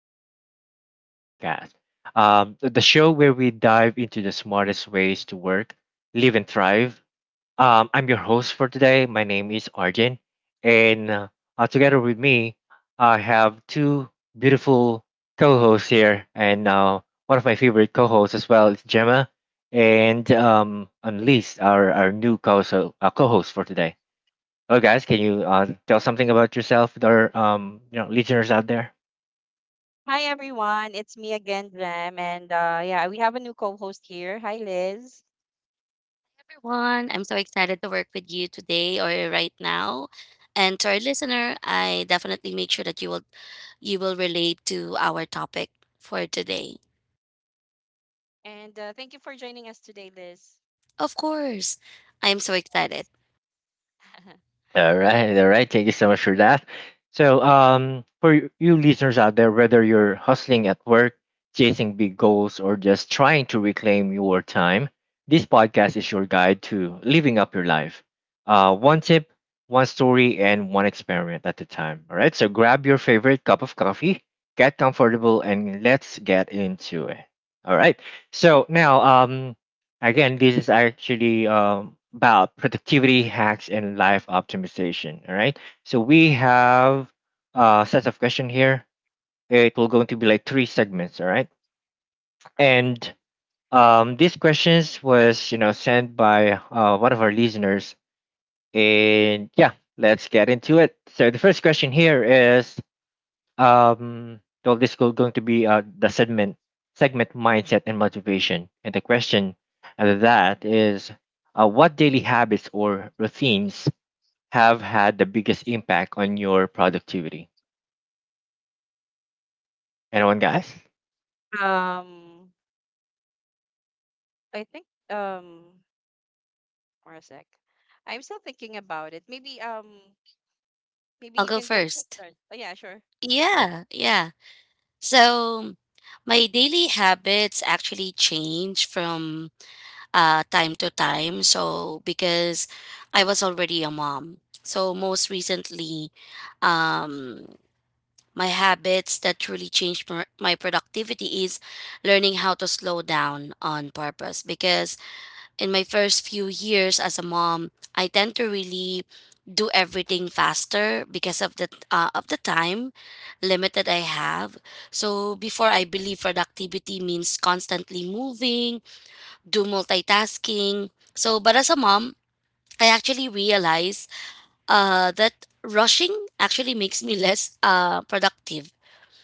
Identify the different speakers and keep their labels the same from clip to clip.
Speaker 1: Life Optimization Podcast, the show where we dive into the smartest ways to work, live, and thrive. I'm your host for today. My name is Arjun, and together with me, I have two beautiful co-hosts here, and one of my favorite co-hosts as well is Gemma, and Unleashed, our new co-host, co-host for today. Well, guys, can you tell something about yourself with our listeners out there?
Speaker 2: Hi everyone, it's me again, Jem, and yeah, we have a new co-host here. Hi, Liz,
Speaker 3: Everyone, I'm so excited to work with you today or right now. And to our listener, I definitely make sure that you will relate to our topic for today.
Speaker 2: and thank you for joining us today, Liz.
Speaker 3: Of course. I'm so excited.
Speaker 2: Yes.
Speaker 1: All right, all right. Thank you so much for that. So, for you listeners out there, whether you're hustling at work, chasing big goals, or just trying to reclaim your time, this podcast is your guide to living up your life. One tip, one story, and one experiment at a time. All right. So, grab your favorite cup of coffee, get comfortable, and let's get into it. All right. So now, again, this is actually about productivity hacks and life optimization. All right. So we have a set of question here. It will going to be like three segments. All right.
Speaker 2: Right.
Speaker 1: And these questions was sent by one of our listeners. And yeah, let's get into it. So the first question here is well, this is going to be the segment mindset and motivation. And the question of that is, what daily habits or routines have had the biggest impact on your productivity? Anyone, guys?
Speaker 2: Um, I think for a sec, I'm still thinking about it. Maybe maybe
Speaker 3: I'll
Speaker 2: you
Speaker 3: go
Speaker 2: can go first.
Speaker 3: first.
Speaker 2: Start. Oh yeah, sure.
Speaker 3: Yeah, yeah. So my daily habits actually change from time to time. So because I was already a mom. So most recently, um, my habits that truly changed my productivity is learning how to slow down on purpose because in my first few years as a mom, I tend to really do everything faster because of the time limited I have. So before I believe productivity means constantly moving, do multitasking. So but as a mom, I actually realize that rushing actually makes me less productive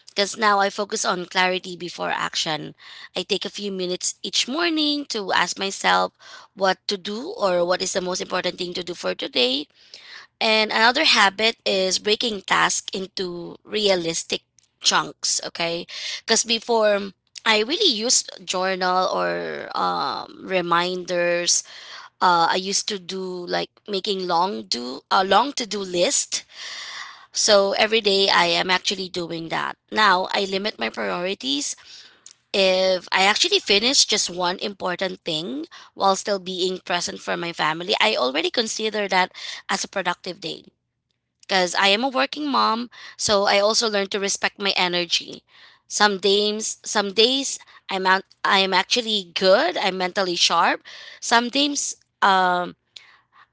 Speaker 3: because now I focus on clarity before action. I take a few minutes each morning to ask myself what to do or what is the most important thing to do for today. And another habit is breaking tasks into realistic chunks, okay? Because before, I really used journal or reminders. I used to do like making long do a long to do list so every day I am actually doing that. Now I limit my priorities. If I actually finish just one important thing while still being present for my family, I already consider that as a productive day. Because I am a working mom, so I also learn to respect my energy. Some days, I'm out, I am actually good. I'm mentally sharp. Some days, um,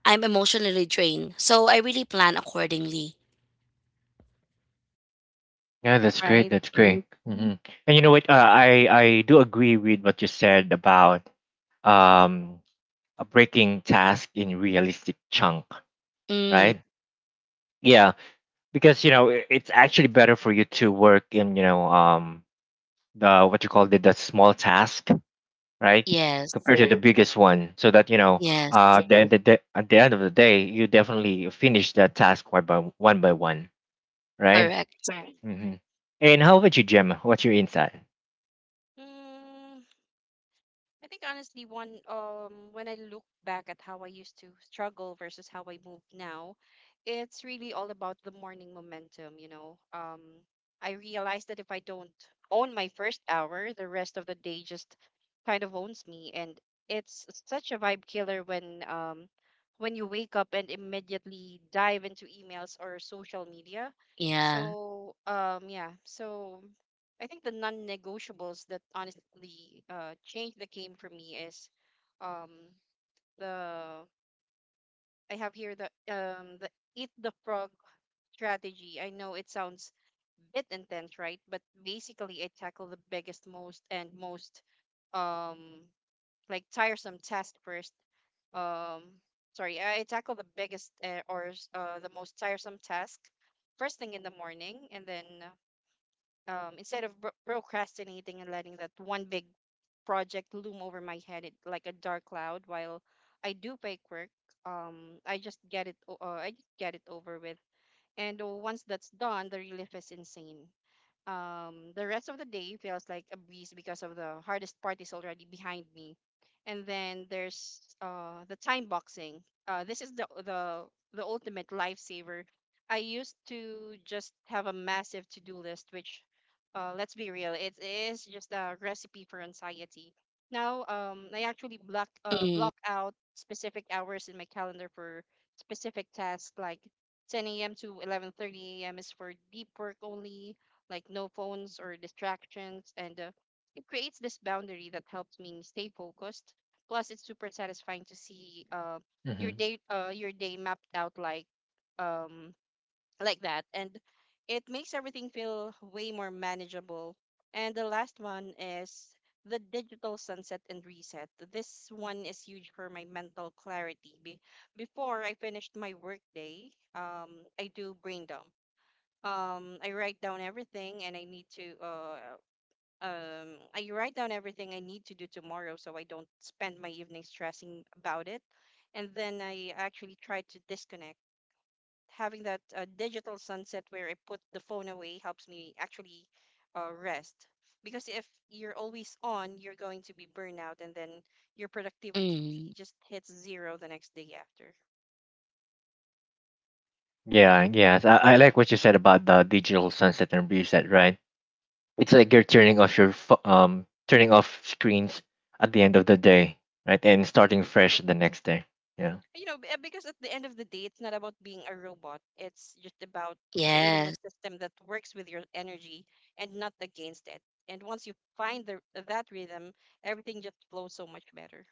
Speaker 3: I'm emotionally drained. So I really plan accordingly.
Speaker 1: Yeah, that's great.
Speaker 2: Right.
Speaker 1: That's
Speaker 2: Mm-hmm.
Speaker 1: great. And you know what? I do agree with what you said about um breaking task in realistic chunk,
Speaker 3: Mm,
Speaker 1: right? Yeah, because it's actually better for you to work in the what you call the small task, right,
Speaker 3: yes.
Speaker 1: compared to the, mm-hmm, biggest one so that you know
Speaker 3: Yes,
Speaker 1: mm-hmm, at the end of the day you definitely finish that task one by one by one, right?
Speaker 3: correct.
Speaker 1: hmm and how about you, Gemma? What's your insight?
Speaker 2: Right. I think honestly, one when I look back at how I used to struggle versus how I move now, it's really all about the morning momentum, you know. I realized that if I don't own my first hour, the rest of the day just kind of owns me, and it's such a vibe killer when when you wake up and immediately dive into emails or social media.
Speaker 3: Yeah.
Speaker 2: So I think the non-negotiables that honestly change the game for me is um the I have here the eat the frog strategy. I know it sounds bit intense, right? But basically I tackle the biggest, most um like tiresome task first. Um I tackle the biggest or s- the most tiresome task first thing in the morning, and then instead of procrastinating and letting that one big project loom over my head it, like a dark cloud while I do fake work, I just get it over with, and once that's done the relief is insane. The rest of the day feels like a breeze because of the hardest part is already behind me. And then there's the time boxing. This is the ultimate lifesaver. I used to just have a massive to-do list, which, let's be real, it is just a recipe for anxiety. Now, I actually
Speaker 3: Mm,
Speaker 2: block out specific hours in my calendar for specific tasks, like 10 a.m. to 11:30 a.m. is for deep work only, like no phones or distractions. And It creates this boundary that helps me stay focused. Plus, it's super satisfying to see
Speaker 1: hmm
Speaker 2: your day mapped out um, like that, and it makes everything feel way more manageable. And the last one is the digital sunset and reset. This one is huge for my mental clarity. Before I finished my workday, i do brain dump i write down everything and i need to um I write down everything I need to do tomorrow so I don't spend my evening stressing about it. And then I actually try to disconnect. Having that digital sunset where I put the phone away helps me actually rest. Because if you're always on, you're going to be burnout, and then your productivity
Speaker 3: mm.
Speaker 2: just hits zero the next day after.
Speaker 1: yeah,
Speaker 2: Mm.
Speaker 1: yes, I like what you said about the digital sunset and reset, right? It's like you're
Speaker 2: Yep.
Speaker 1: turning off your turning off screens at the end of the day, right, and starting fresh
Speaker 2: Yep.
Speaker 1: the next day. Yeah.
Speaker 2: Because at the end of the day, it's not about being a robot. It's just about creating a
Speaker 3: Yes,
Speaker 2: system that works with your energy and not against it. And once you find the that rhythm, everything just flows so much better.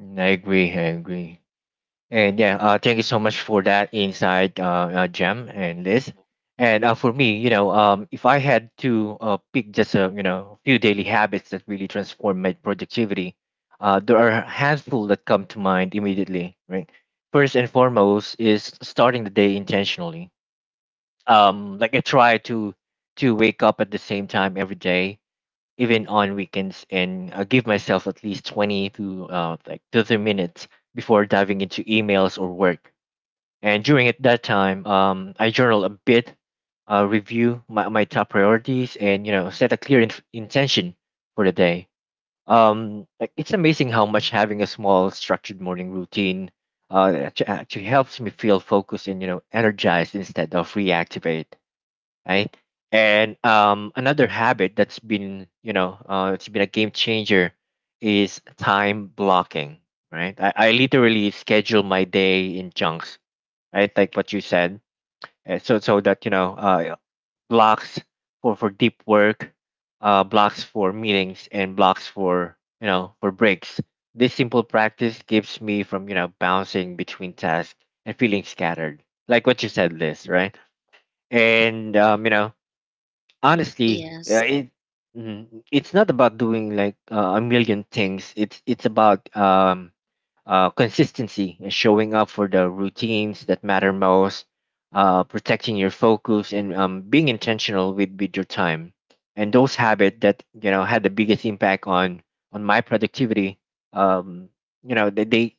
Speaker 1: Mm, I agree. And yeah, thank you so much for that insight, Jem and Liz.
Speaker 2: Mhm.
Speaker 1: And for me, if I had to pick just a few daily habits that really transform my productivity, there are a handful that come to mind immediately. Right, first and foremost is starting the day intentionally. Like I try to wake up at the same time every day, even on weekends, and give myself at least 20 to 30 minutes before diving into emails or work, and during it, that time, I journal a bit, review my top priorities, and set a clear intention for the day. Like it's amazing how much having a small structured morning routine actually helps me feel focused and energized instead of reactivate, right? And another habit that's been it's been a game changer is time blocking, right? I literally schedule my day in chunks, right? Like what you said. So that blocks for deep work, blocks for meetings, and blocks for you know for breaks. This simple practice keeps me from bouncing between tasks and feeling scattered, like what you said, Liz, right? And honestly,
Speaker 3: yes.
Speaker 1: mm, it's not about doing like a million things. It's about consistency and showing up for the routines that matter most, protecting your focus and being intentional with your time. And those habits that had the biggest impact on my productivity. Um, you know they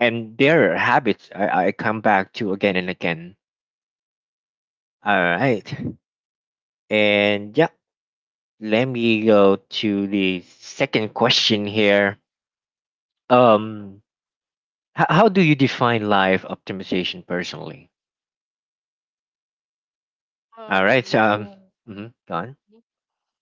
Speaker 1: and their Habits I come back to again and again. All right, and yeah, let me go to the second question here. Um, how do you define life optimization personally? All right.
Speaker 2: Um,
Speaker 1: So, mm, mhm, go on.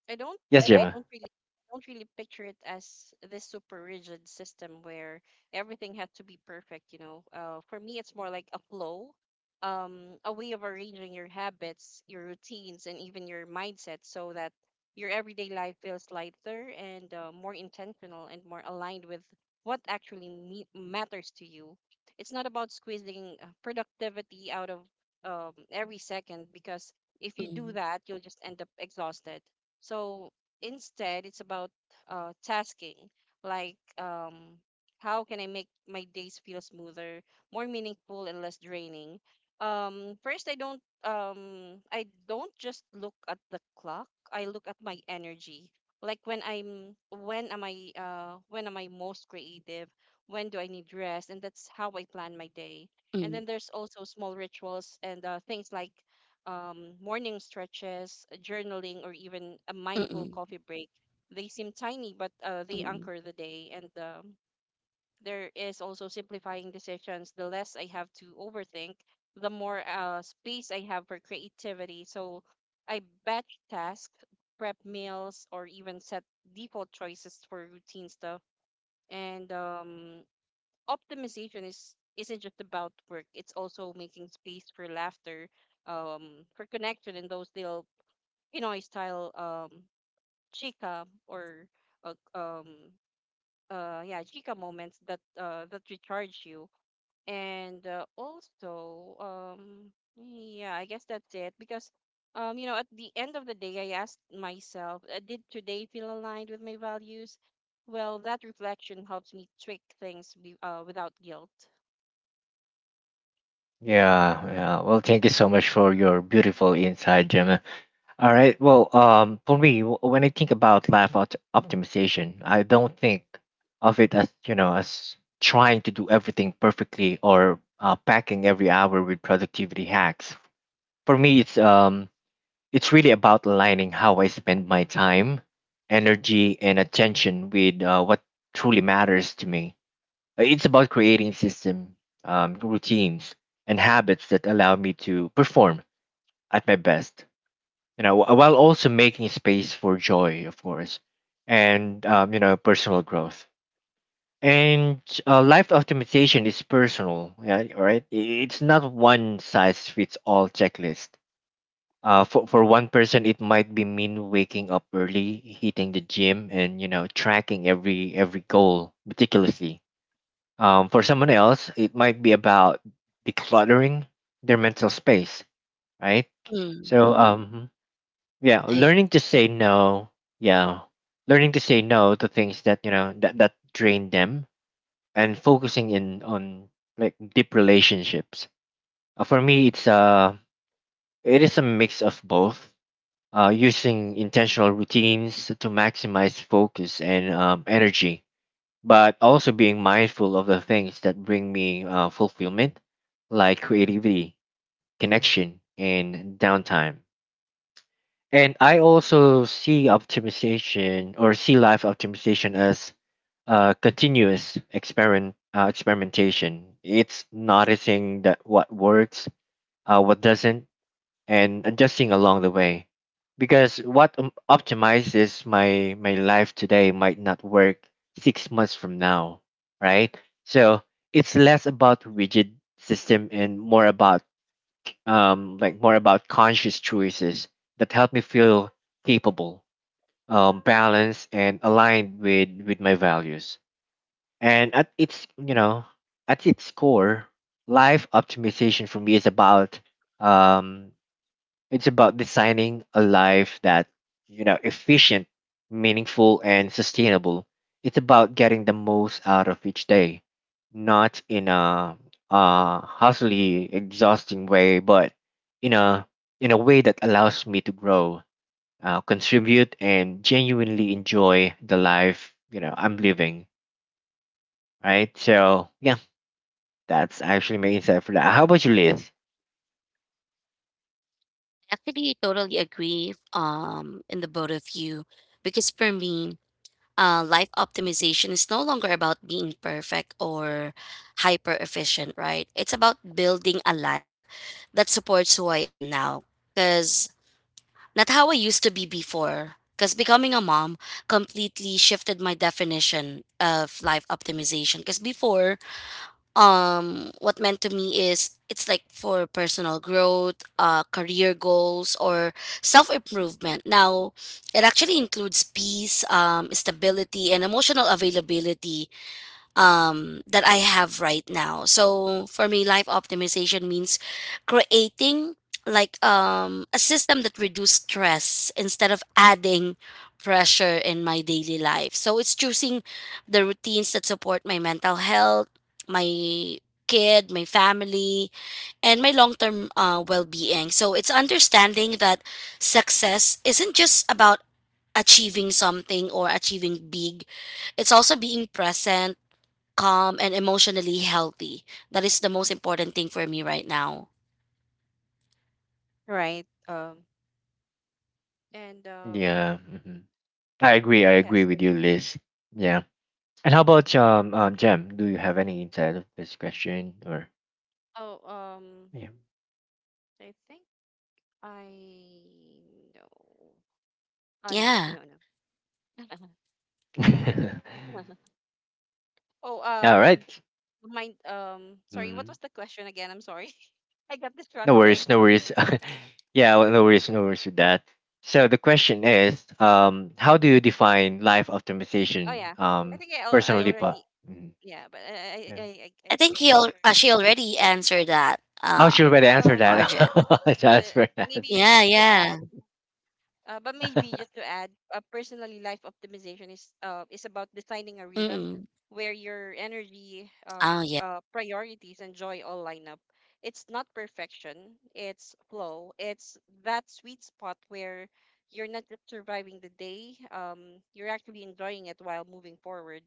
Speaker 2: I don't
Speaker 1: Yes, okay,
Speaker 2: I
Speaker 1: Gemma.
Speaker 2: don't really I don't really picture it as this super rigid system where everything had to be perfect, you know. For me it's more like a flow, a way of arranging your habits, your routines and even your mindset so that your everyday life feels lighter and more intentional and more aligned with what matters to you. It's not about squeezing productivity out of every second, because if you do
Speaker 3: Mm,
Speaker 2: that, you'll just end up exhausted. So instead, it's about tasking, like um, how can I make my days feel smoother, more meaningful, and less draining. First, I don't just look at the clock. I look at my energy. Like when am I, when am I most creative? When do I need rest? And that's how I plan my
Speaker 3: mm,
Speaker 2: day. And then there's also small rituals and things like morning stretches, journaling, or even a mindful
Speaker 3: mm,
Speaker 2: coffee break. They seem tiny, but they
Speaker 3: mm,
Speaker 2: anchor the day. And There is also simplifying decisions. The less I have to overthink, the more space I have for creativity. So I batch tasks, prep meals, or even set default choices for routine stuff. And Optimization is isn't just about work, it's also making space for laughter, for connection and those little pinoy style chica or uh, um yeah, chica moments that that recharge you. And also Yeah, I guess that's it because, you know, at the end of the day I asked myself, did today feel aligned with my values? Well, that reflection helps me tweak things without guilt.
Speaker 1: Yeah, yeah. Well, thank you so much for your beautiful insight, Gemma. All right. Well, for me, when I think about life optimization, I don't think of it as you know as trying to do everything perfectly or packing every hour with productivity hacks. For me, it's really about aligning how I spend my time, energy, and attention with what truly matters to me. It's about creating system, routines, and habits that allow me to perform at my best. While also making space for joy, of course, and personal growth. And life optimization is personal, yeah, all right? It's not one size fits all checklist. For one person, it might be mean waking up early, hitting the gym, and tracking every goal meticulously. For someone else, it might be about decluttering their mental space, right?
Speaker 3: mm.
Speaker 1: So, yeah,
Speaker 3: I
Speaker 1: learning to say no, yeah, learning to say no to things that that drain them, and focusing in on like deep relationships. For me, it is a mix of both. Using intentional routines to maximize focus and energy, but also being mindful of the things that bring me fulfillment, like creativity, connection, and downtime. And I also see optimization or see life optimization as continuous experimentation. It's noticing that what works, what doesn't, and adjusting along the way, because what optimizes my life today might not work 6 months from now, right? So it's less about rigid system and more about more about conscious choices that help me feel capable, balanced, and aligned with my values. And at its core, life optimization for me is about um it's about designing a life that, you know, efficient, meaningful, and sustainable. It's about getting the most out of each day, not in a hustly, exhausting way, but in a way that allows me to grow, contribute, and genuinely enjoy the life I'm living. Right. So yeah, that's actually my insight for that. How about you, Liz?
Speaker 3: actually totally agree in the both of you because for me, life optimization is no longer about being perfect or hyper efficient, right? It's about building a life that supports who I am now. Because not how I used to be before, because becoming a mom completely shifted my definition of life optimization. Because before, what meant to me is it's like for personal growth, career goals, or self improvement. Now, it actually includes peace, stability, and emotional availability that I have right now. So for me, life optimization means creating like a system that reduces stress instead of adding pressure in my daily life. So it's choosing the routines that support my mental health, my kid, my family, and my long term well being. So it's understanding that success isn't just about achieving something or achieving big, it's also being present, calm, and emotionally healthy. That is the most important thing for me right now.
Speaker 2: Right. And
Speaker 1: Yeah,
Speaker 2: y-
Speaker 1: mhm. I agree. I agree
Speaker 2: yes,
Speaker 1: with you,
Speaker 2: urgent.
Speaker 1: Liz. Yeah. And how about Jem? Do you have any insight of this question or
Speaker 2: Oh, um,
Speaker 1: yeah?
Speaker 2: I think I know. No,
Speaker 3: Yeah.
Speaker 2: no, no. Oh,
Speaker 1: All
Speaker 2: um,
Speaker 1: right.
Speaker 2: Sorry, what
Speaker 1: Mm,
Speaker 2: was the question again? I'm sorry. I got
Speaker 1: no
Speaker 2: distracted.
Speaker 1: worries, no worries. Yeah, well, no worries, no worries with that. So the question is, how do you define life
Speaker 2: Oh, yeah.
Speaker 1: optimization?
Speaker 2: I
Speaker 1: Personally, but
Speaker 2: already,
Speaker 1: mm,
Speaker 2: yeah, but
Speaker 1: yeah.
Speaker 2: I
Speaker 3: I
Speaker 2: think
Speaker 3: think
Speaker 2: I answered.
Speaker 3: she already answered that,
Speaker 1: Oh, she
Speaker 2: But
Speaker 1: already answered
Speaker 3: Arjun.
Speaker 2: just
Speaker 1: that.
Speaker 2: uh,
Speaker 1: Just for that.
Speaker 2: Maybe
Speaker 3: Yeah,
Speaker 2: just to add.
Speaker 3: yeah.
Speaker 2: But Maybe just to add, personally, life optimization is about designing a rhythm
Speaker 3: Mm-mm.
Speaker 2: where your energy,
Speaker 3: Oh, yeah.
Speaker 2: priorities, and joy all line up. It's not perfection; it's flow. It's that sweet spot where you're not just surviving the day. You're actually enjoying it while moving forward.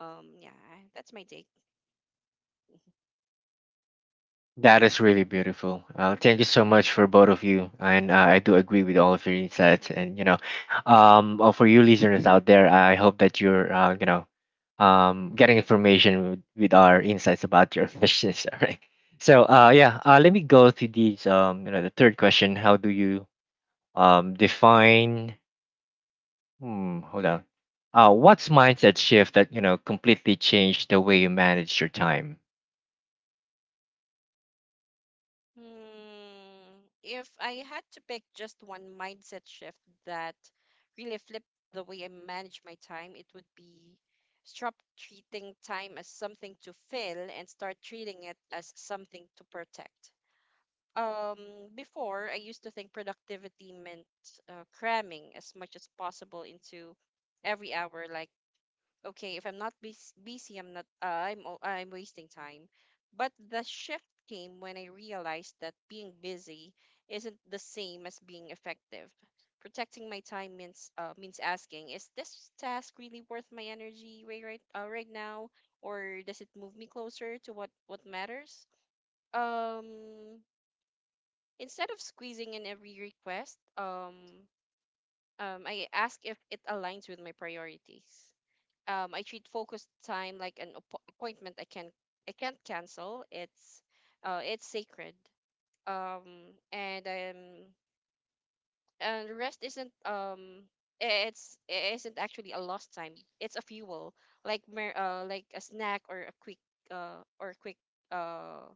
Speaker 2: Yeah, that's my take.
Speaker 1: That is really beautiful. Thank you so much for both of you, and I do agree with all of your insights. And for you listeners out there, I hope that you're, getting information with our insights about your questions. All right. So, yeah, let me go to these. The third question: how do you define? Hmm, hold on. What's mindset shift that completely changed the way you manage your time?
Speaker 2: Hmm. If I had to pick just one mindset shift that really flipped the way I manage my time, it would be stop treating time as something to fill and start treating it as something to protect. Before, I used to think productivity meant cramming as much as possible into every hour, like okay, if I'm not bus- busy I'm not I'm o- I'm wasting time. But the shift came when I realized that being busy isn't the same as being effective. Protecting my time means asking, is this task really worth my energy right now, or does it move me closer to what matters? um Instead of squeezing in every request, I ask if it aligns with my priorities. I treat focused time like an appointment I can't cancel. It's sacred. Um and um and Rest isn't I- it's it isn't actually a lost time. It's a fuel, like like a snack or a quick uh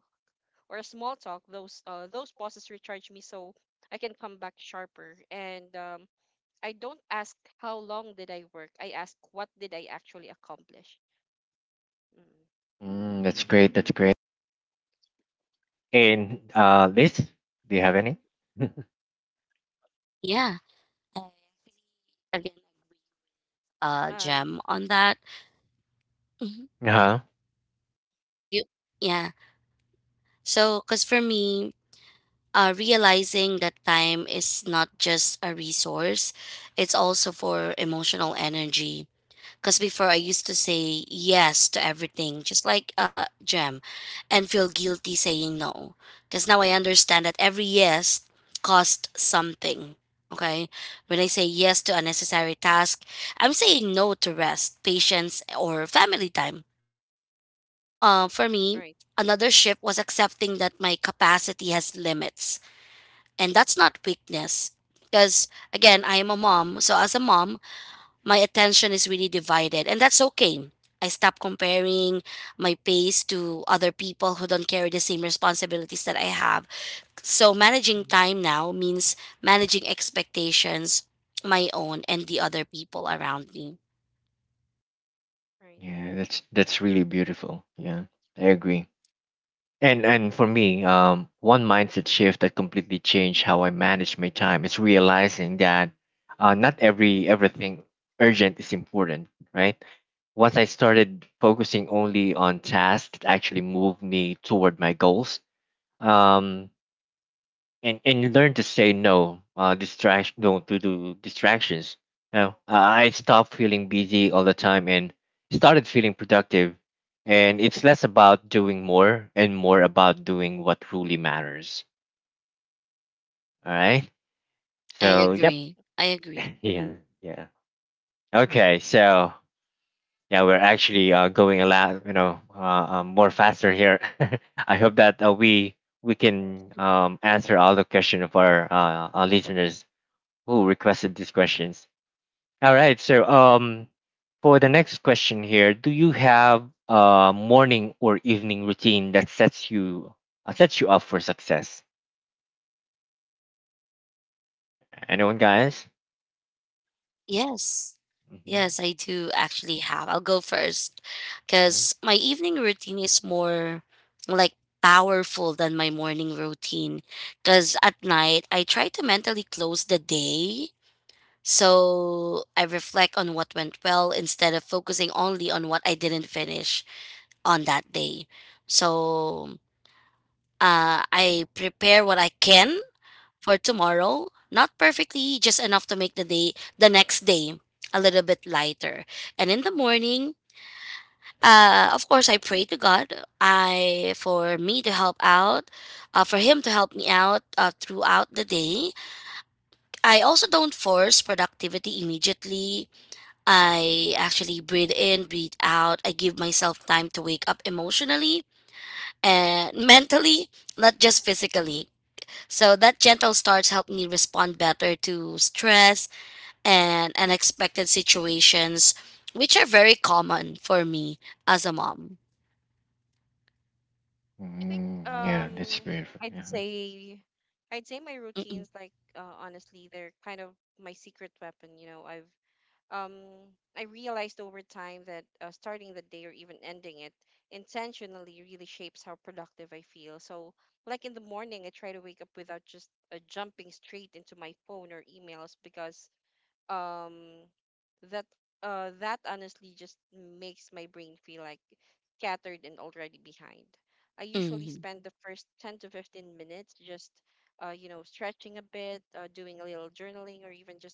Speaker 2: or a small talk. Those pauses recharge me so I can come back sharper. And I don't ask how long did I work. I ask what did I actually accomplish. Mm.
Speaker 1: Mm,
Speaker 2: So
Speaker 1: that's
Speaker 2: yeah.
Speaker 1: great. That's great. And Liz, do you have any?
Speaker 3: Yeah. I Again,
Speaker 2: Um.
Speaker 3: gem on that. Mhm.
Speaker 1: Uh-huh.
Speaker 3: Do you? Yeah. So, because for me, realizing that time is not just a resource, it's also for emotional energy. Because before I used to say yes to everything, just like Jem, and feel guilty saying no. Because now I understand that every yes cost something. Okay? When I say yes to unnecessary task, I'm saying no to rest, patience, or family time. Because for me,
Speaker 2: Right.
Speaker 3: another shift was accepting that my capacity has limits. And that's not weakness. Because again, I am a mom. So as a mom, my attention is really divided and that's okay. I stop comparing my pace to other people who don't carry the same responsibilities that I have. So managing time now means managing expectations, my own and the other people around me.
Speaker 2: Right.
Speaker 1: Yeah, that's really beautiful. Yeah, I agree. And for me, one mindset shift that completely changed how I manage my time is realizing that not everything urgent is important, right? Once I started focusing only on tasks that actually move me toward my goals, um, and you learn to say no to do distractions. I stopped feeling busy all the time and started feeling productive, and it's less about doing more and more about doing what truly matters, all right?
Speaker 3: i
Speaker 1: So
Speaker 2: Right.
Speaker 1: yep.
Speaker 3: agree i agree
Speaker 1: Yeah, yeah, okay. So yeah, we're actually going a lot, more faster here. I hope that we can answer all the question of our listeners who requested these questions. All right. So, for the next question here, do you have a morning or evening routine that sets you up for success? Anyone, guys?
Speaker 3: Yes.
Speaker 1: hmm
Speaker 3: Yes, I do actually have. I'll go first because my evening routine is more like powerful than my morning routine. Because at night, I try to mentally close the day. So I reflect on what went well instead of focusing only on what I didn't finish on that day. So I prepare what I can for tomorrow. Not perfectly, just enough to make the day, the next day, a little bit lighter. And in the morning, of course, I pray to God. I for me to help out, for Him to help me out throughout the day. I also don't force productivity immediately. I actually breathe in, breathe out. I give myself time to wake up emotionally and mentally, not just physically. So that gentle starts help me respond better to stress and unexpected situations, which are very common for me as a mom.
Speaker 2: I think.
Speaker 1: Mm, yeah, that's beautiful.
Speaker 2: I'd
Speaker 1: Yeah.
Speaker 2: say. I'd say my routines,
Speaker 3: Mm-mm,
Speaker 2: like, honestly, they're kind of my secret weapon. You know, um I realized over time that starting the day or even ending it intentionally really shapes how productive I feel. So, like in the morning, I try to wake up without just jumping straight into my phone or emails, because um that that honestly just makes my brain feel like scattered and already behind. I usually
Speaker 3: mm,
Speaker 2: spend the first 10 to 15 minutes just you know stretching a bit, doing a little journaling, or even just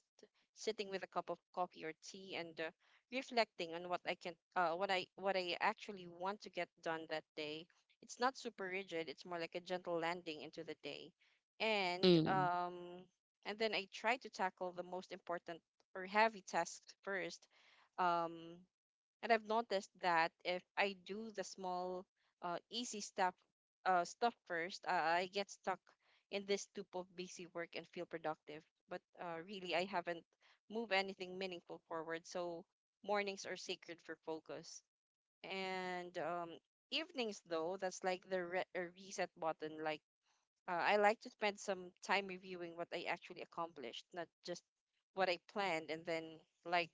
Speaker 2: sitting with a cup of coffee or tea and reflecting on what I can what I actually want to get done that day. It's not super rigid, it's more like a gentle landing into the day. And
Speaker 3: mm.
Speaker 2: um and Then I try to tackle the most important or heavy tasks first. Um, and I've noticed that if I do the small, easy stuff first, I get stuck in this loop of busy work and feel productive. But really, I haven't moved anything meaningful forward. So mornings are sacred for focus. And Evenings, though, that's like the reset button. Like I like to spend some time reviewing what I actually accomplished, not just what I planned, and then like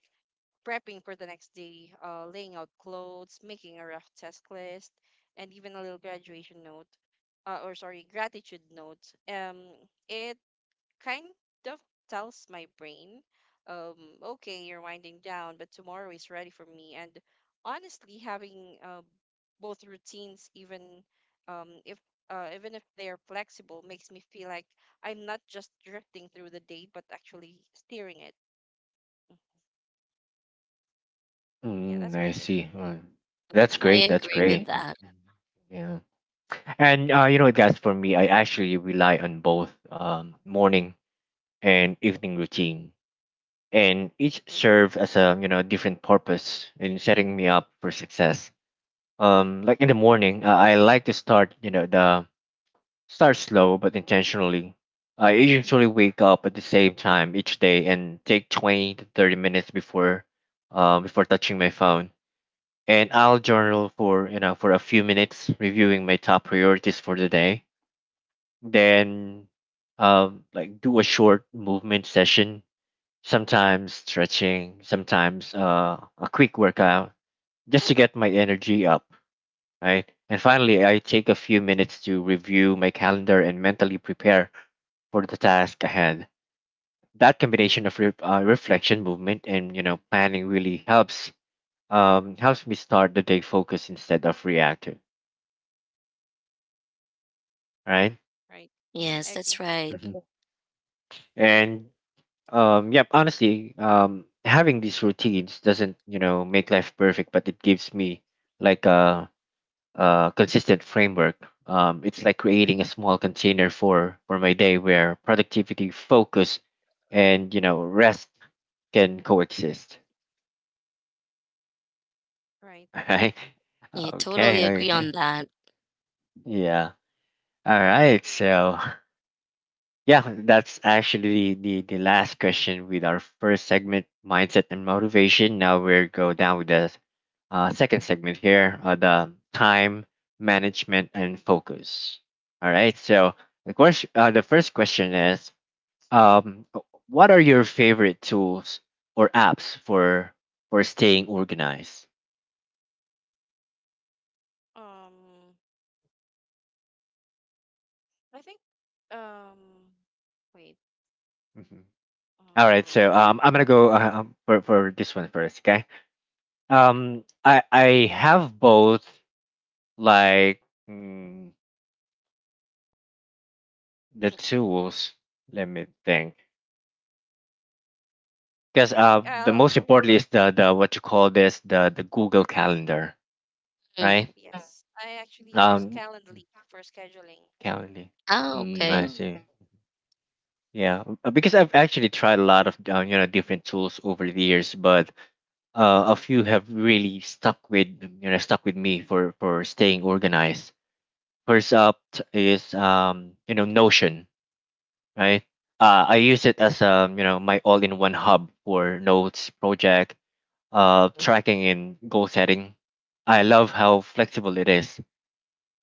Speaker 2: prepping for the next day, laying out clothes, making a rough task list, and even a little graduation note, or sorry, gratitude note. It kind of tells my brain, um, okay, you're winding down, but tomorrow is ready for me. And honestly, having both routines, um, if even if they are flexible, makes me feel like I'm not just drifting through the day, but actually steering it. Mhm. Yeah,
Speaker 1: Mm,
Speaker 2: that's
Speaker 1: I
Speaker 2: my take.
Speaker 1: see. That's
Speaker 3: I
Speaker 1: great. That's
Speaker 3: agree with
Speaker 1: great. Mhm. Mhm.
Speaker 3: that.
Speaker 1: Yeah. And you know what, guys? For me, I actually rely on both morning and evening routine, and each serve as a different purpose in setting me up for success. Like in the morning, I like to start you know the start slow but intentionally. I usually wake up at the same time each day and take 20 to 30 minutes before before touching my phone, and I'll journal for for a few minutes, reviewing my top priorities for the day. Then like do a short movement session, sometimes stretching, sometimes a quick workout, just to get my energy up, right? And finally, I take a few minutes to review my calendar and mentally prepare for the task ahead. That combination of reflection, movement, and planning really helps helps me start the day focused instead of reactive, right?
Speaker 2: Right. Hmm,
Speaker 3: Yes,
Speaker 2: I
Speaker 3: that's
Speaker 2: agree.
Speaker 3: right.
Speaker 1: Mhm. And yep, honestly, having these routines doesn't make life perfect, but it gives me like a consistent framework. It's like creating a small container for my day where productivity, focus, and rest can coexist.
Speaker 2: Right.
Speaker 1: Right?
Speaker 2: Hmm.
Speaker 3: I
Speaker 1: Okay.
Speaker 3: totally agree
Speaker 1: Yes.
Speaker 3: on
Speaker 1: Okay.
Speaker 3: that.
Speaker 1: Yeah. All right. So yeah, that's actually the last question with our first segment, mindset and motivation. Now we will go down with the second segment here, the time management and focus. All right. So the question, the first question is, um, what are your favorite tools or apps for staying organized?
Speaker 2: Um, I think. Um, Wait.
Speaker 1: Mhm. All right.
Speaker 2: Uh,
Speaker 1: So I'm gonna go for this one first. Okay. I have both like mm, the tools, let me think, because
Speaker 2: I think
Speaker 1: the
Speaker 2: I'll
Speaker 1: most important is the what you call this, the Google Calendar,
Speaker 3: Mm.
Speaker 1: right?
Speaker 2: Yes, I actually use
Speaker 1: Um,
Speaker 2: Calendly for scheduling.
Speaker 1: calendar.
Speaker 3: Oh,
Speaker 1: Mm, I
Speaker 3: okay.
Speaker 1: see. Yeah, because I've actually tried a lot of different tools over the years, but a few have really stuck with stuck with me for staying organized. First up is Notion, right? I use it as my all-in-one hub for notes, project, tracking, and goal setting. I love how flexible it is,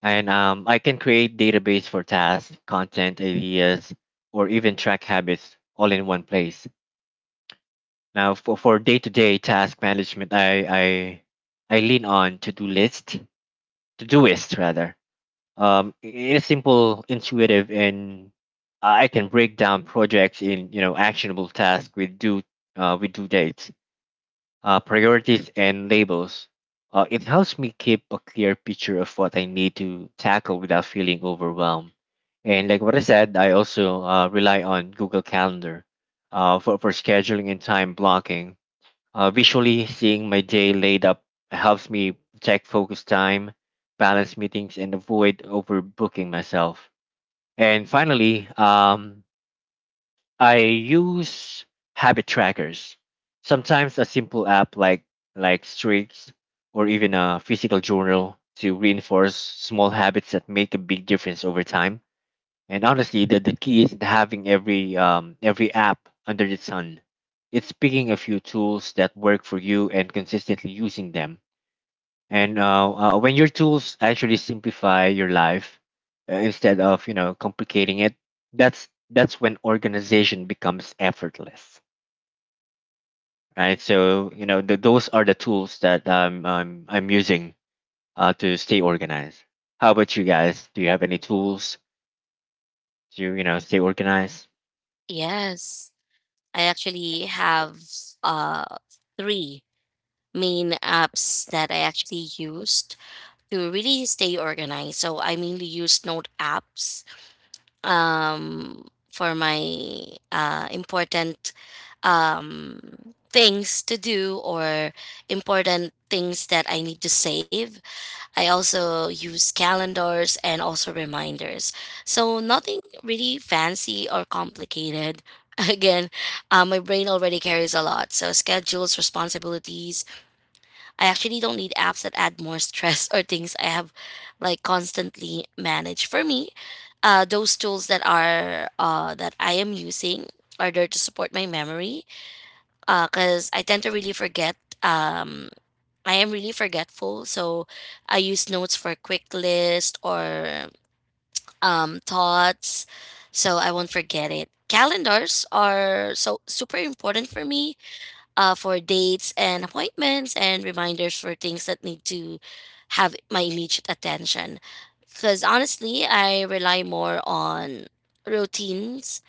Speaker 1: and I can create database for tasks, content, ideas, or even track habits all in one place. Now, for day-to-day task management, I lean on to-do list, to doist rather. It's simple, intuitive, and I can break down projects in actionable tasks with due dates, priorities, and labels. It helps me keep a clear picture of what I need to tackle without feeling overwhelmed. And like what I said, I also rely on Google Calendar for scheduling and time blocking. Uh, visually seeing my day laid up helps me check focus time, balance meetings, and avoid overbooking myself. And finally, I use habit trackers. Sometimes a simple app like Streaks, or even a physical journal to reinforce small habits that make a big difference over time. And honestly, the key isn't having every app under the sun. It's picking a few tools that work for you and consistently using them. And when your tools actually simplify your life instead of complicating it, that's when organization becomes effortless, right? So you know th those are the tools that um, I'm using to stay organized. How about you guys? Do you have any tools to stay organized?
Speaker 3: Yes. I
Speaker 2: Yeah.
Speaker 3: actually have uh three main apps that I actually used to really stay organized. So I mainly use note apps for my important things to do or important things that I need to save. I also use calendars and also reminders. So nothing really fancy or complicated. Again, my brain already carries a lot. So schedules, responsibilities, I actually don't need apps that add more stress or things I have like constantly managed. For me, those tools that are that I am using are there to support my memory because I tend to really forget. Um, I am really forgetful, so I use notes for quick list or thoughts, so I won't forget it. Calendars are so super important for me for dates and appointments and reminders for things that need to have my immediate attention. Because honestly, I rely more on routines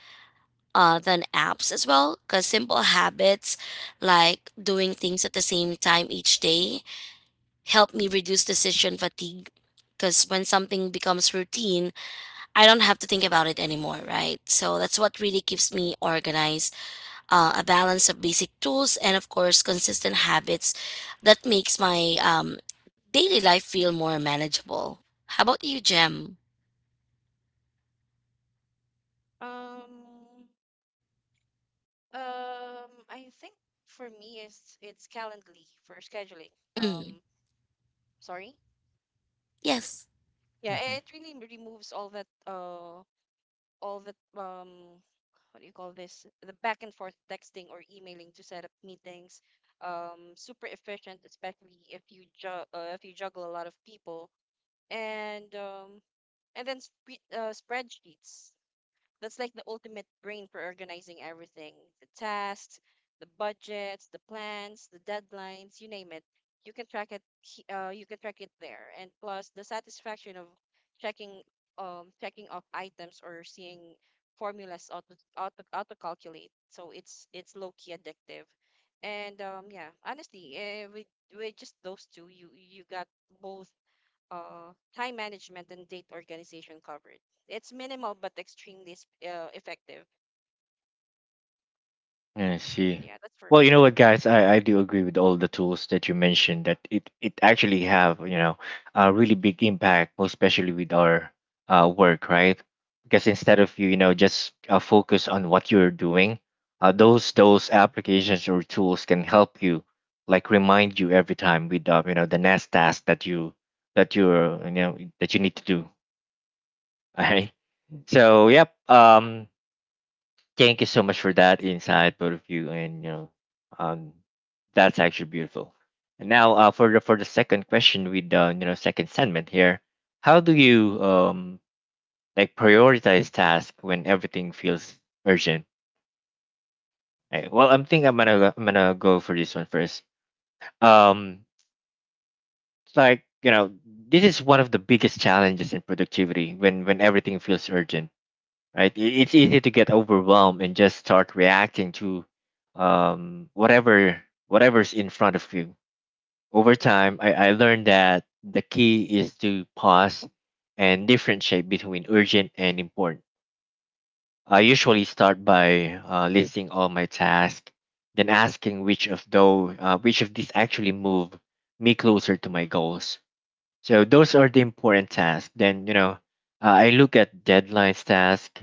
Speaker 3: than apps as well. Because simple habits like doing things at the same time each day help me reduce decision fatigue. Because when something becomes routine, I don't have to think about it anymore, right? So that's what really keeps me organized, a balance of basic tools and of course consistent habits that makes my daily life feel more manageable. How about you, Jem?
Speaker 2: Um, I think For me it's Calendly for scheduling.
Speaker 3: Mm,
Speaker 2: Um, sorry.
Speaker 3: yes,
Speaker 2: Yeah, it really removes all that all that what do you call this? The back and forth texting or emailing to set up meetings. Super efficient, especially if you ju if you juggle a lot of people and and then sp spreadsheets. That's like the ultimate brain for organizing everything, the tasks, the budgets, the plans, the deadlines, you name it. You can track it. You can track it there, and plus the satisfaction of checking, checking off items or seeing formulas auto calculate. So it's low key addictive, and yeah, honestly, with just those two, you got both time management and date organization covered. It's minimal but extremely effective.
Speaker 1: I see.
Speaker 2: Yeah, that's for
Speaker 1: Well,
Speaker 2: me.
Speaker 1: you know what, guys, I do agree with all the tools that you mentioned, that it actually have, you know, a really big impact, most especially with our work, right? Because instead of you know, just focus on what you're doing, those applications or tools can help you, like remind you every time with, you know, the next task that you you know, that you need to do. All right. So, yep. Thank you so much for that insight, both of you, and you know, um, that's actually beautiful. And now, for the second question with the second segment here, how do you like prioritize tasks when everything feels urgent? Right. Well, I'm thinking I'm gonna go for this one first. Um, it's like this is one of the biggest challenges in productivity when everything feels urgent, right? I- It's easy to get overwhelmed and just start reacting to um, whatever whatever's in front of you. Over time, I learned that the key is to pause and differentiate between urgent and important. I usually start by listing all my tasks, then asking which of those, which of these actually move me closer to my goals. So those are the important tasks. Then I look at deadlines task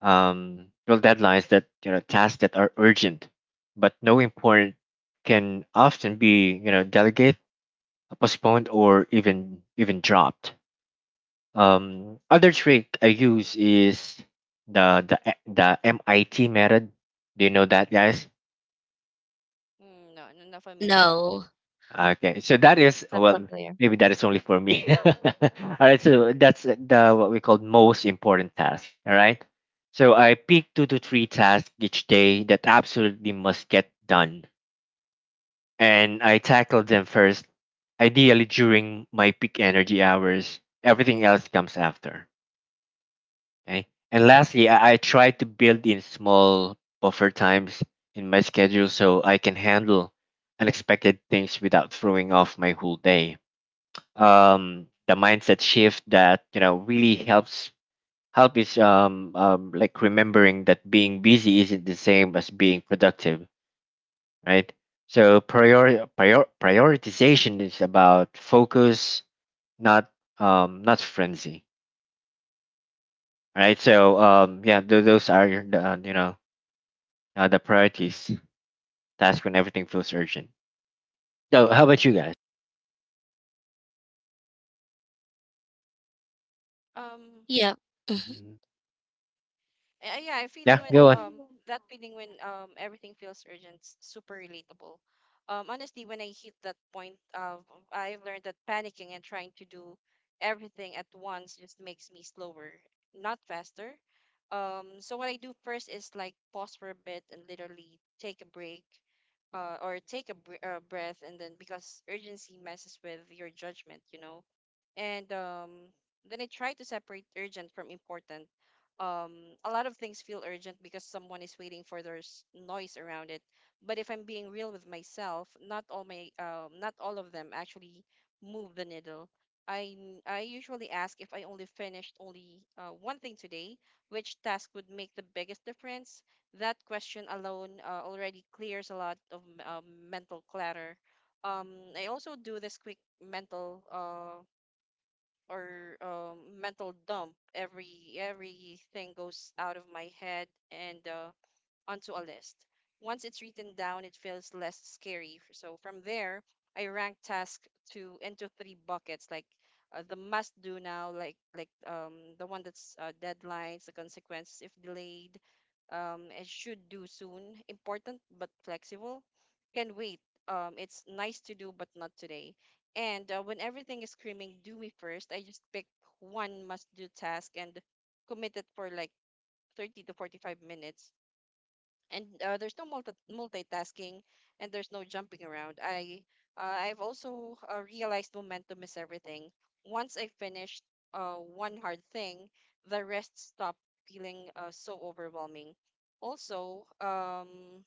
Speaker 1: um, well deadlines that tasks that are urgent but no important can often be delegated, postponed, or even dropped. Um, other trick I use is the the the MIT method. Do you know that, guys?
Speaker 2: Mm, no, no, not familiar.
Speaker 3: no,
Speaker 1: Okay, so that is,
Speaker 2: Not
Speaker 1: well,
Speaker 2: familiar.
Speaker 1: maybe that is only for me. All right, so that's the what we call most important task. All right, so I pick two to three tasks each day that absolutely must get done, and I tackle them first, ideally during my peak energy hours. Everything else comes after. Okay, and lastly, I try to build in small buffer times in my schedule so I can handle unexpected things without throwing off my whole day. Um, the mindset shift that really helps help is like remembering that being busy isn't the same as being productive, right? So prioritization is about focus, not not frenzy, right? So yeah, those are your, the, the priorities task when everything feels urgent. So how about you guys?
Speaker 2: Um,
Speaker 3: yeah. Mhm.
Speaker 1: Mhm.
Speaker 2: Yeah, I am feeling
Speaker 1: Yeah,
Speaker 2: when
Speaker 1: go on.
Speaker 2: that feeling when everything feels urgent, super relatable. Honestly, when I hit that point, I have learned that panicking and trying to do everything at once just makes me slower, not faster. So what I do first is like pause for a bit and literally take a break, or take a breath, and then because urgency messes with your judgment, you know, and then I try to separate urgent from important. A lot of things feel urgent because someone is waiting for there's noise around it. But if I'm being real with myself, not all of them actually move the needle. I usually ask if I only finished only one thing today, which task would make the biggest difference. That question alone already clears a lot of mental clutter. um I also do this quick mental dump. Everything goes out of my head, and onto a list. Once it's written down, it feels less scary. So from there, I rank task to into three buckets, like the must do now, like the one that's deadlines, the consequences if delayed, and should do soon, important but flexible, can wait. It's nice to do but not today. And when everything is screaming, do me first, I just pick one must do task and commit it for like 30 to 45 minutes, and there's no multitasking, and there's no jumping around. I've also realized momentum is everything. Once I finished one hard thing, the rest stopped feeling so overwhelming. Also,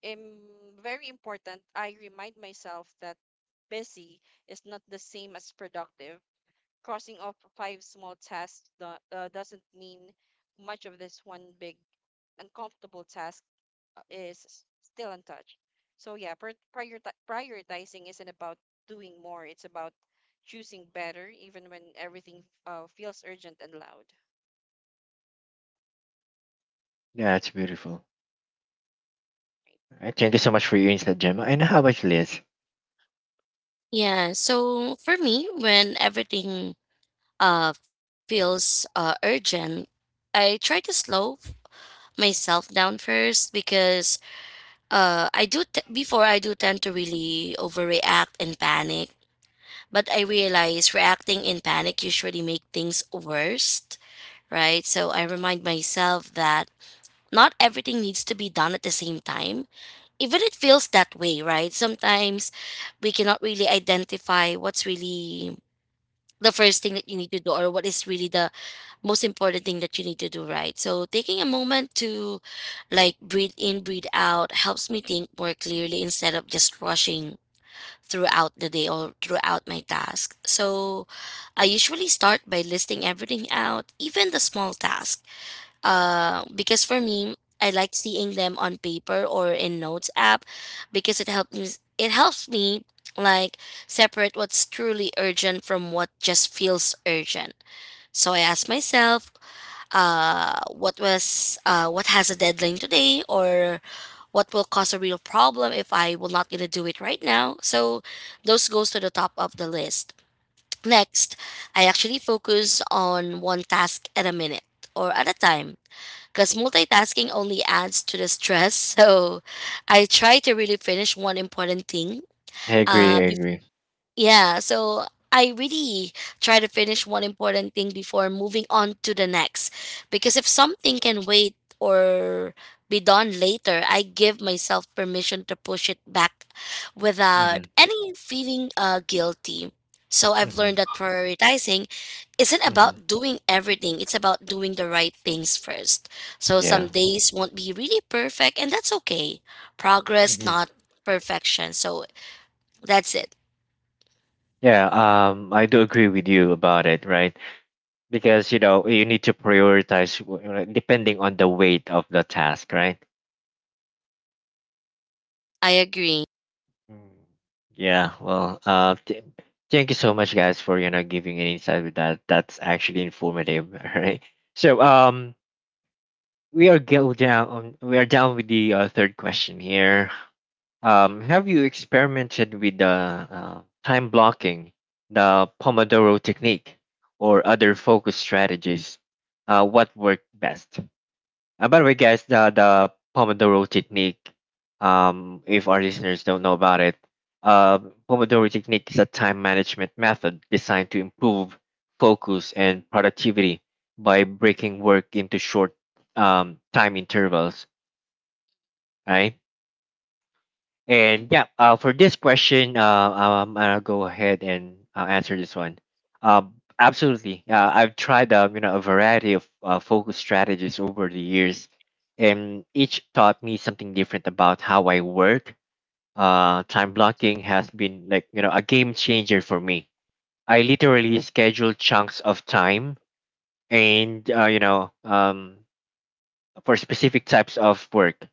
Speaker 2: im- very important, I remind myself that busy is not the same as productive. Crossing off five small tasks doesn't mean much of this one big uncomfortable task is still untouched. So yeah, prioritizing isn't about doing more. It's about choosing better, even when everything feels urgent and loud.
Speaker 1: Yeah, it's beautiful. All right, thank you so much for your insight, Gemma. And how about you, Liz?
Speaker 3: Yeah, so for me when everything feels urgent, I try to slow myself down first because before I do tend to really overreact and panic. But I realize reacting in panic usually make things worse, right? So I remind myself that not everything needs to be done at the same time. Even it feels that way, right? Sometimes we cannot really identify what's really the first thing that you need to do or what is really the most important thing that you need to do, right? So taking a moment to like breathe in, breathe out helps me think more clearly instead of just rushing throughout the day or throughout my task. So I usually start by listing everything out, even the small tasks. Because for me, I like seeing them on paper or in notes app because it helps me like separate what's truly urgent from what just feels urgent. So I ask myself, what has a deadline today or what will cause a real problem if I will not gonna do it right now. So those goes to the top of the list. Next, I actually focus on one task at a minute or at a time because multitasking only adds to the stress. So I try to really finish one important thing
Speaker 1: I agree.
Speaker 3: uh,
Speaker 1: I agree.
Speaker 3: yeah, so I really try to finish one important thing before moving on to the next. Because if something can wait or be done later, I give myself permission to push it back without
Speaker 1: Hmm.
Speaker 3: any feeling guilty. So I've learned
Speaker 1: Hmm.
Speaker 3: that prioritizing isn't
Speaker 1: Hmm.
Speaker 3: about doing everything, it's about doing the right things first. So some
Speaker 1: Yeah.
Speaker 3: days won't be really perfect, and that's okay. Progress,
Speaker 1: Hmm.
Speaker 3: not perfection. So that's it.
Speaker 1: Yeah. I do agree with you about it, right? Because you know you need to prioritize right, depending on the weight of the task, right?
Speaker 3: I agree.
Speaker 1: Mm. Yeah. Well, thank you so much, guys, for giving an insight with that. That's actually informative, right? So, we are go down. We are down with the third question here. Have you experimented with the time blocking, the Pomodoro technique, or other focus strategies? What worked best? By the way, guys, the Pomodoro technique, if our listeners don't know about it, uh, Pomodoro technique is a time management method designed to improve focus and productivity by breaking work into short time intervals, right? And yeah, for this question, I'll go ahead and answer this one. Absolutely. I've tried a variety of focus strategies over the years, and each taught me something different about how I work. Time blocking has been like a game changer for me. I literally schedule chunks of time and for specific types of work,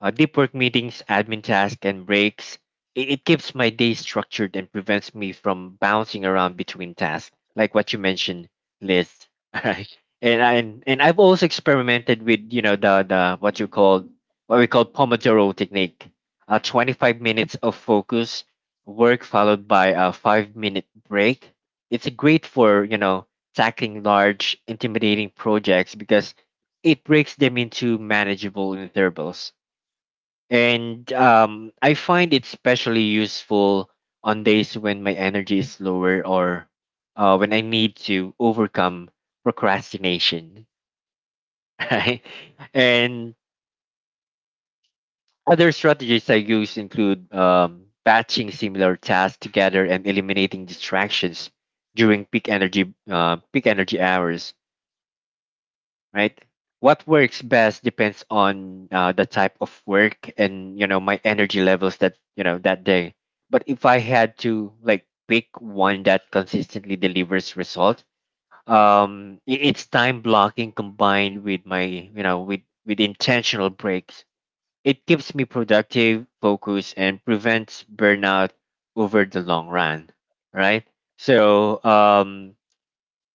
Speaker 1: deep work, meetings, admin tasks, and breaks. It keeps my day structured and prevents me from bouncing around between tasks, like what you mentioned, Liz. Right? And I and I've also experimented with you know the what you call what we call Pomodoro technique. 25 minutes of focus work followed by a 5 minute break. It's great for tackling large, intimidating projects because it breaks them into manageable intervals, and I find it especially useful on days when my energy is lower, or when I need to overcome procrastination. Right? And other strategies I use include batching similar tasks together and eliminating distractions during peak energy hours, right? What works best depends on the type of work and my energy levels that you know that day. But if I had to like pick one that consistently delivers results, it's time blocking combined with my with intentional breaks. It keeps me productive, focused, and prevents burnout over the long run, right? So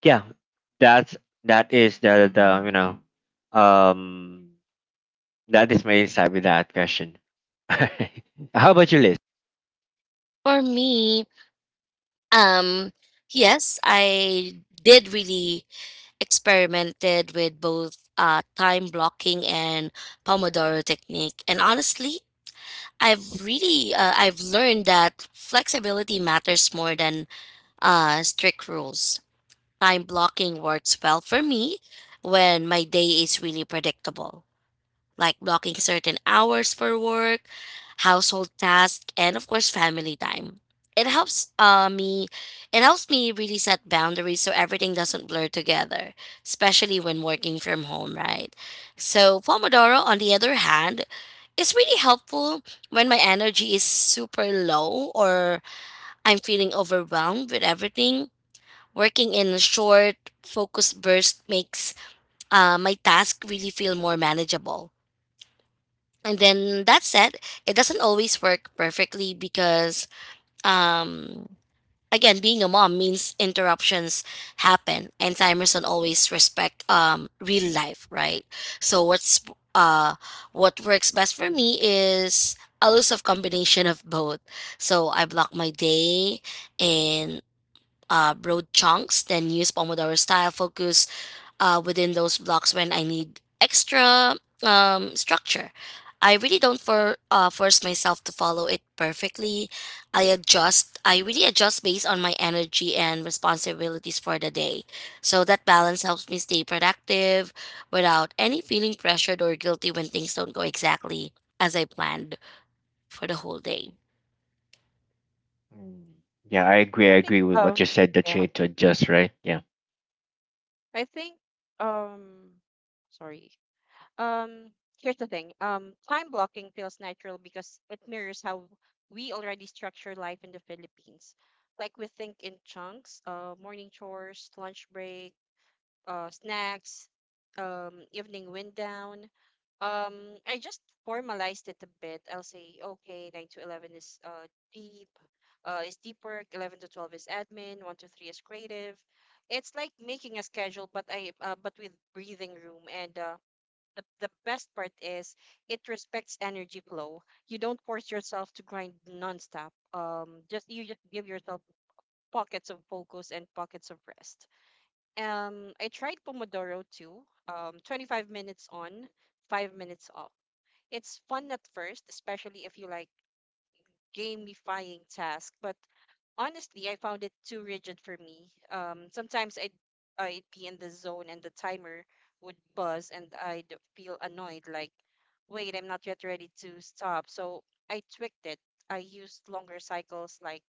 Speaker 1: yeah, that's that is the you know um that is my insight with that question. How about your list?
Speaker 3: For me, um, yes, I did really experimented with both time blocking and Pomodoro technique, and honestly, I've learned that flexibility matters more than strict rules. Time blocking works well for me when my day is really predictable, like blocking certain hours for work, household tasks, and of course, family time. It helps uh, me. It helps me really set boundaries so everything doesn't blur together, especially when working from home, right? So Pomodoro, on the other hand, is really helpful when my energy is super low or I'm feeling overwhelmed with everything. Working in a short, focus burst makes my task really feel more manageable. And then that said, it doesn't always work perfectly because, um, again, being a mom means interruptions happen, and timers don't always respect real life, right? So uh what works best for me is a loose combination of both. So I block my day in broad chunks, then use Pomodoro style focus within those blocks when I need extra structure. I really don't force myself to follow it perfectly. I adjust. I really adjust based on my energy and responsibilities for the day. So that balance helps me stay productive without any feeling pressured or guilty when things don't go exactly as I planned for the whole day.
Speaker 1: Mm. Yeah, I agree. I
Speaker 2: Right. I think
Speaker 1: agree with what you said, that you
Speaker 2: yeah.
Speaker 1: need to adjust, right? Yeah.
Speaker 2: I think um sorry. Um Here's the thing. Time blocking feels natural because it mirrors how we already structure life in the Philippines. Like we think in chunks, morning chores, lunch break, snacks, evening wind down. I just formalized it a bit. I'll say, okay, 9 to 11 is deep, is deep work, 11 to 12 is admin, 1 to 3 is creative. It's like making a schedule, but I but with breathing room. And the best part is it respects energy flow. You don't force yourself to grind nonstop. Just You just give yourself pockets of focus and pockets of rest. I tried Pomodoro too. 25 minutes on, 5 minutes off. It's fun at first, especially if you like gamifying tasks, but honestly, I found it too rigid for me. Sometimes I'd be in the zone and the timer would buzz and I'd feel annoyed, like, wait, I'm not yet ready to stop. So I tweaked it. I used longer cycles, like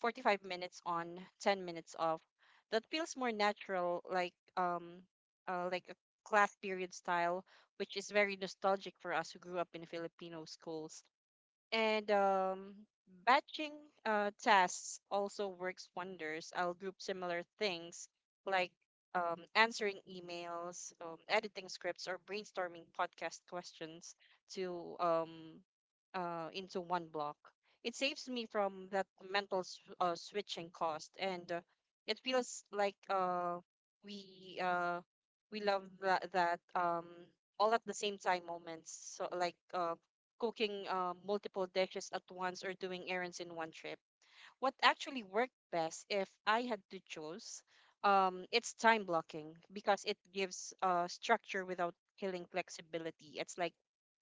Speaker 2: 45 minutes on, 10 minutes off. That feels more natural, like a class period style, which is very nostalgic for us who grew up in Filipino schools. And batching tasks also works wonders. I'll group similar things like answering emails, editing scripts, or brainstorming podcast questions to into one block. It saves me from that mental switching cost, and it feels like we uh, we love that, all at the same time moments. So like cooking multiple dishes at once or doing errands in one trip. What actually worked best, if I had to choose, it's time blocking because it gives structure without killing flexibility. It's like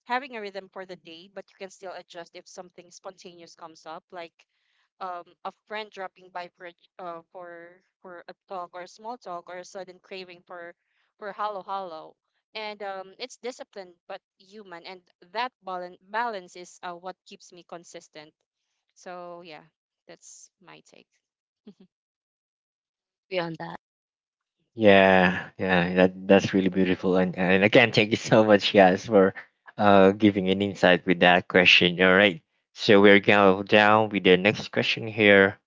Speaker 2: having a rhythm for the day, but you can still adjust if something spontaneous comes up, like a friend dropping by for for a talk or a small talk or a sudden craving for hollow hollow, and it's disciplined but human, and that balance is what keeps me consistent. So yeah, that's my take.
Speaker 3: Beyond that,
Speaker 2: yep
Speaker 1: Yeah, yeah, that that's really beautiful, and again thank you so much guys for giving an insight with that question. All right, so we're going to down with the next question here.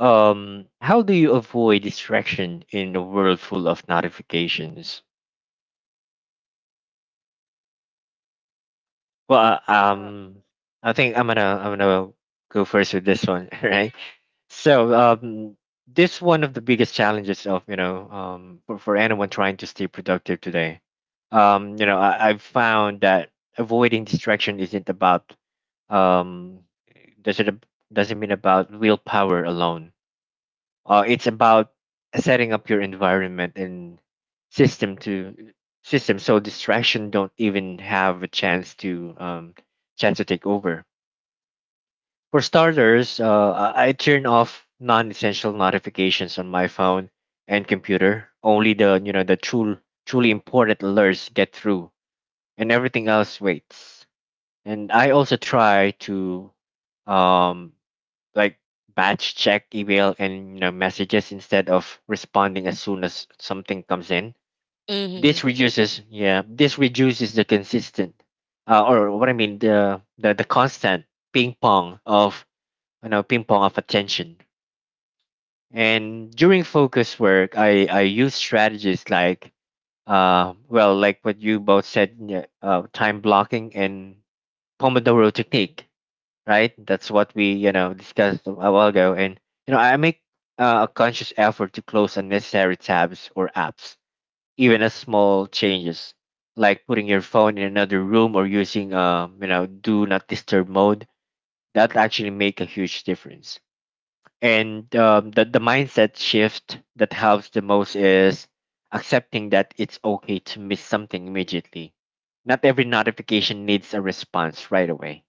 Speaker 1: Um, how do you avoid distraction in a world full of notifications? Well,
Speaker 2: uh,
Speaker 1: I think I'm gonna go first with this one, right? So, um, this one of the biggest challenges of you know for anyone trying to stay productive today. I've found that avoiding distraction isn't about um does it ab- doesn't mean about willpower alone. It's about setting up your environment and system to system so distraction don't even have a chance to take over. For starters, I turn off non-essential notifications on my phone and computer. Only the you know the true truly important alerts get through, and everything else waits. And I also try to um, like batch check email and messages instead of responding as soon as something comes in.
Speaker 3: mm-hmm.
Speaker 1: This reduces the consistent or what I mean the constant ping pong of you know ping pong of attention. And during focus work I use strategies like like what you both said, yeah, uh, time blocking and pomodoro technique, right? That's what we, you know, discussed a while ago. And, you know, I make a conscious effort to close unnecessary tabs or apps, even as small changes, like putting your phone in another room or using, you know, do not disturb mode. That actually make a huge difference. And the mindset shift that helps the most is accepting that it's okay to miss something immediately. Not every notification needs a response right away.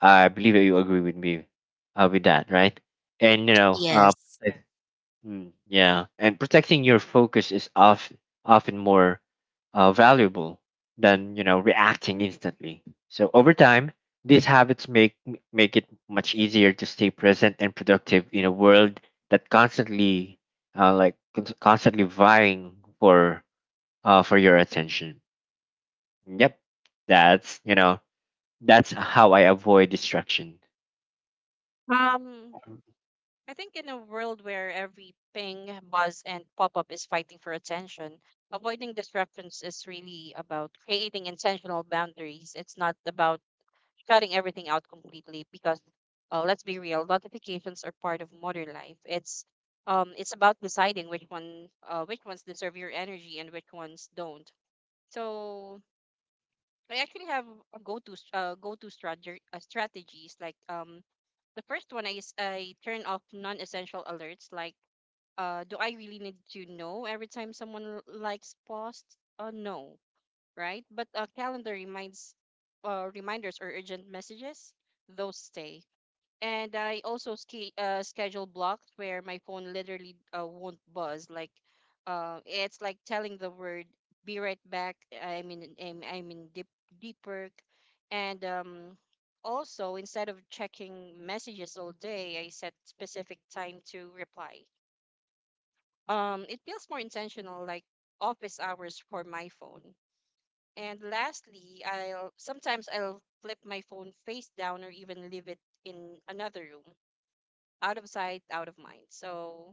Speaker 1: I believe that you agree with me, with that, right? And
Speaker 3: Yes,
Speaker 1: protect- yeah, and protecting your focus is, of, often more valuable than reacting instantly. So over time, these habits make it much easier to stay present and productive in a world that constantly, constantly vying for for your attention. Yep, that's you know that's how I avoid distraction.
Speaker 2: um I think in a world where every ping, buzz, and pop-up is fighting for attention, avoiding distractions is really about creating intentional boundaries. It's not about shutting everything out completely because, let's be real, notifications are part of modern life. It's about deciding which one which ones deserve your energy and which ones don't. So I actually have a go-to strategy strategies like, the first one is I turn off non-essential alerts like, do I really need to know every time someone likes posts? Uh, no, right? But calendar reminds reminders or urgent messages, those stay. And I also schedule blocks where my phone literally won't buzz. Like, it's like telling the word "be right back." I'm in deep work, and also instead of checking messages all day, I set specific time to reply. It feels more intentional, like office hours for my phone. And lastly, I'll sometimes I'll flip my phone face down or even leave it in another room, out of sight, out of mind. So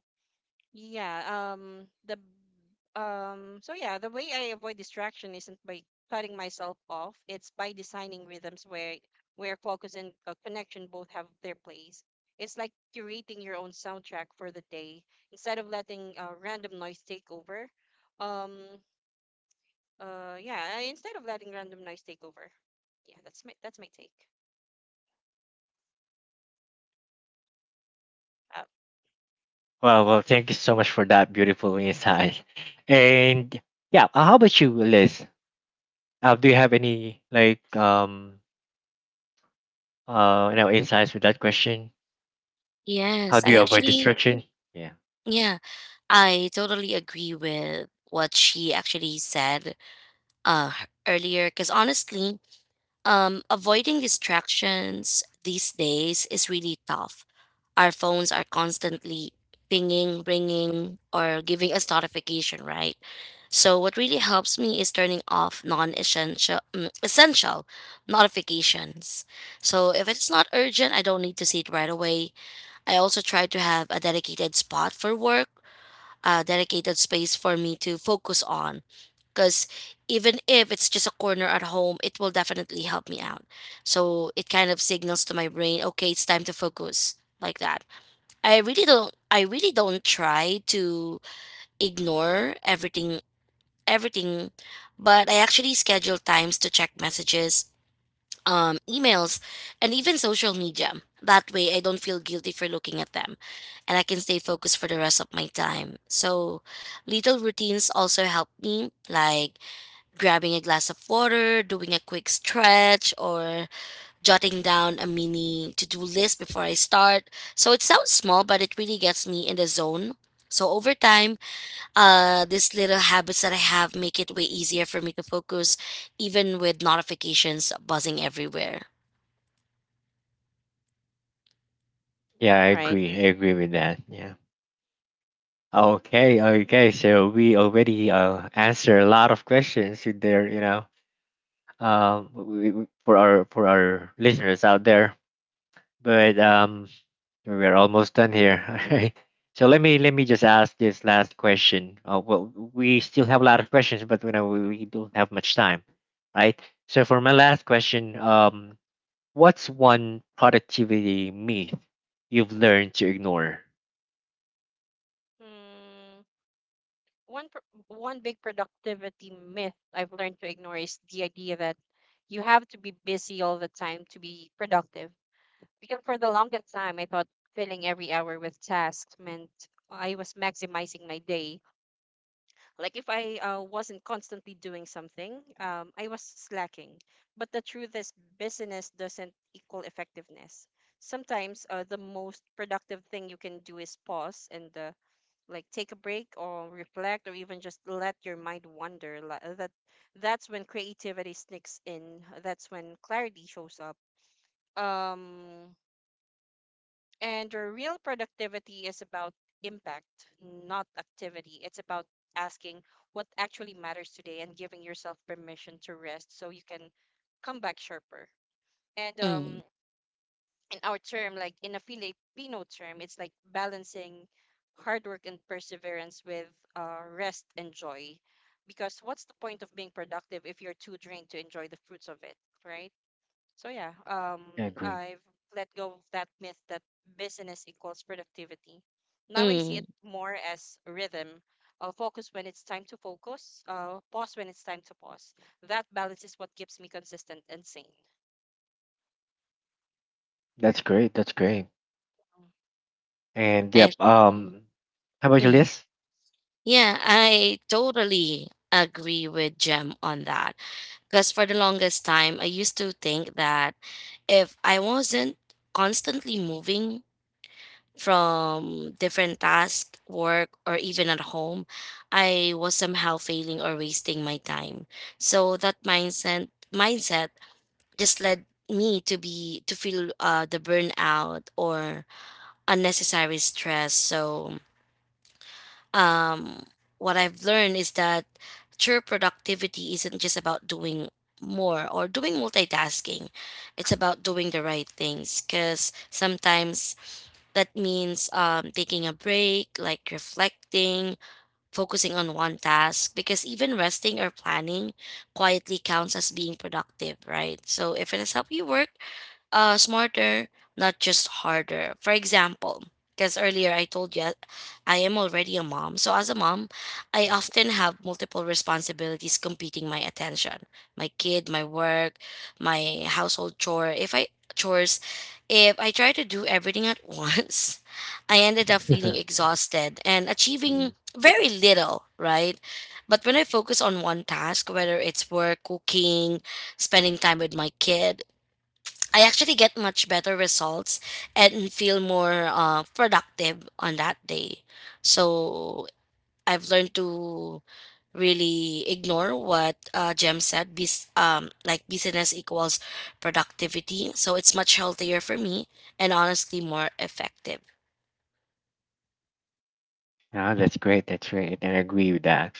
Speaker 2: yeah, the way I avoid distraction isn't by cutting myself off. It's by designing rhythms where focus and connection both have their place. It's like curating your own soundtrack for the day instead of letting random noise take over. Um, yeah, instead of letting random noise take over. Yeah, that's my take. Uh,
Speaker 1: Well, well, thank you so much for that beautiful insight. And yeah, how about you, Liz? Do you have any like insights with that question? How
Speaker 3: yes,
Speaker 1: do
Speaker 3: I
Speaker 1: you avoid
Speaker 3: actually,
Speaker 1: distraction? Yeah,
Speaker 3: yeah. I totally agree with what she actually said uh, earlier because honestly, avoiding distractions these days is really tough. Our phones are constantly pinging, ringing, or giving us notification, right? So what really helps me is turning off non-essential essential notifications. So if it's not urgent, I don't need to see it right away. I also try to have a dedicated spot for work, dedicated space for me to focus on. Because even if it's just a corner at home, it will definitely help me out. So it kind of signals to my brain, okay, it's time to focus like that. I really don't try to ignore everything, but I actually schedule times to check messages, emails, and even social media. That way, I don't feel guilty for looking at them and I can stay focused for the rest of my time. So, little routines also help me, like grabbing a glass of water, doing a quick stretch, or jotting down a mini to do list before I start. So, it sounds small, but it really gets me in the zone. So, over time, these little habits that I have make it way easier for me to focus, even with notifications buzzing everywhere.
Speaker 1: yeah, I
Speaker 2: right?
Speaker 1: agree. I agree with that. Yeah. Okay, okay. So we already answered a lot of questions with their you know w- w- for our listeners out there. But um, we're almost done here. All right. So let me just ask this last question. Well, we still have a lot of questions, but we don't have much time, right? So for my last question, what's one productivity myth you've learned to ignore?
Speaker 2: One one big productivity myth I've learned to ignore is the idea that you have to be busy all the time to be productive. Because for the longest time, I thought filling every hour with tasks meant I was maximizing my day. Like if I wasn't constantly doing something, I was slacking. But the truth is, busyness doesn't equal effectiveness. Sometimes the most productive thing you can do is pause and, like, take a break or reflect or even just let your mind wander. That that's when creativity sneaks in. That's when clarity shows up. um and your real productivity is about impact, not activity. It's about asking what actually matters today and giving yourself permission to rest so you can come back sharper. And
Speaker 3: Mm,
Speaker 2: In our term, like in a Filipino term, it's like balancing hard work and perseverance with rest and joy. Because what's the point of being productive if you're too drained to enjoy the fruits of it, right? So yeah,
Speaker 1: I agree.
Speaker 2: I've let go of that myth that business equals productivity. Now I see
Speaker 3: mm,
Speaker 2: it more as rhythm. Focus when it's time to focus. Pause when it's time to pause. That balance is what keeps me consistent and sane.
Speaker 1: That's great. That's great. And
Speaker 3: I
Speaker 1: yep. How about your
Speaker 3: Mhm.
Speaker 1: list?
Speaker 3: Yeah, I totally agree with Jem on that. Because for the longest time, I used to think that if I wasn't constantly moving from different tasks, work, or even at home, I was somehow failing or wasting my time. So that mindset just led me to be to feel the burnout or unnecessary stress. So um, what I've learned is that true productivity isn't just about doing more or doing multitasking. It's about doing the right things, because sometimes that means taking a break, like reflecting, focusing on one task, because even resting or planning quietly counts as being productive, right? So if it has helped you work smarter, not just harder. For example, because earlier I told you I am already a mom. So, as a mom, I often have multiple responsibilities competing my attention, my kid, my work, my household chores, if I try to do everything at once, I ended up feeling exhausted and achieving
Speaker 1: Mhm.
Speaker 3: very little, right? But when I focus on one task, whether it's work, cooking, spending time with my kid, I actually get much better results and feel more productive on that day. So I've learned to really ignore what Jem said. Like, business equals productivity. So it's much healthier for me and honestly more effective.
Speaker 1: Yeah,
Speaker 2: Yeah.
Speaker 1: that's great. That's great. And I agree with that.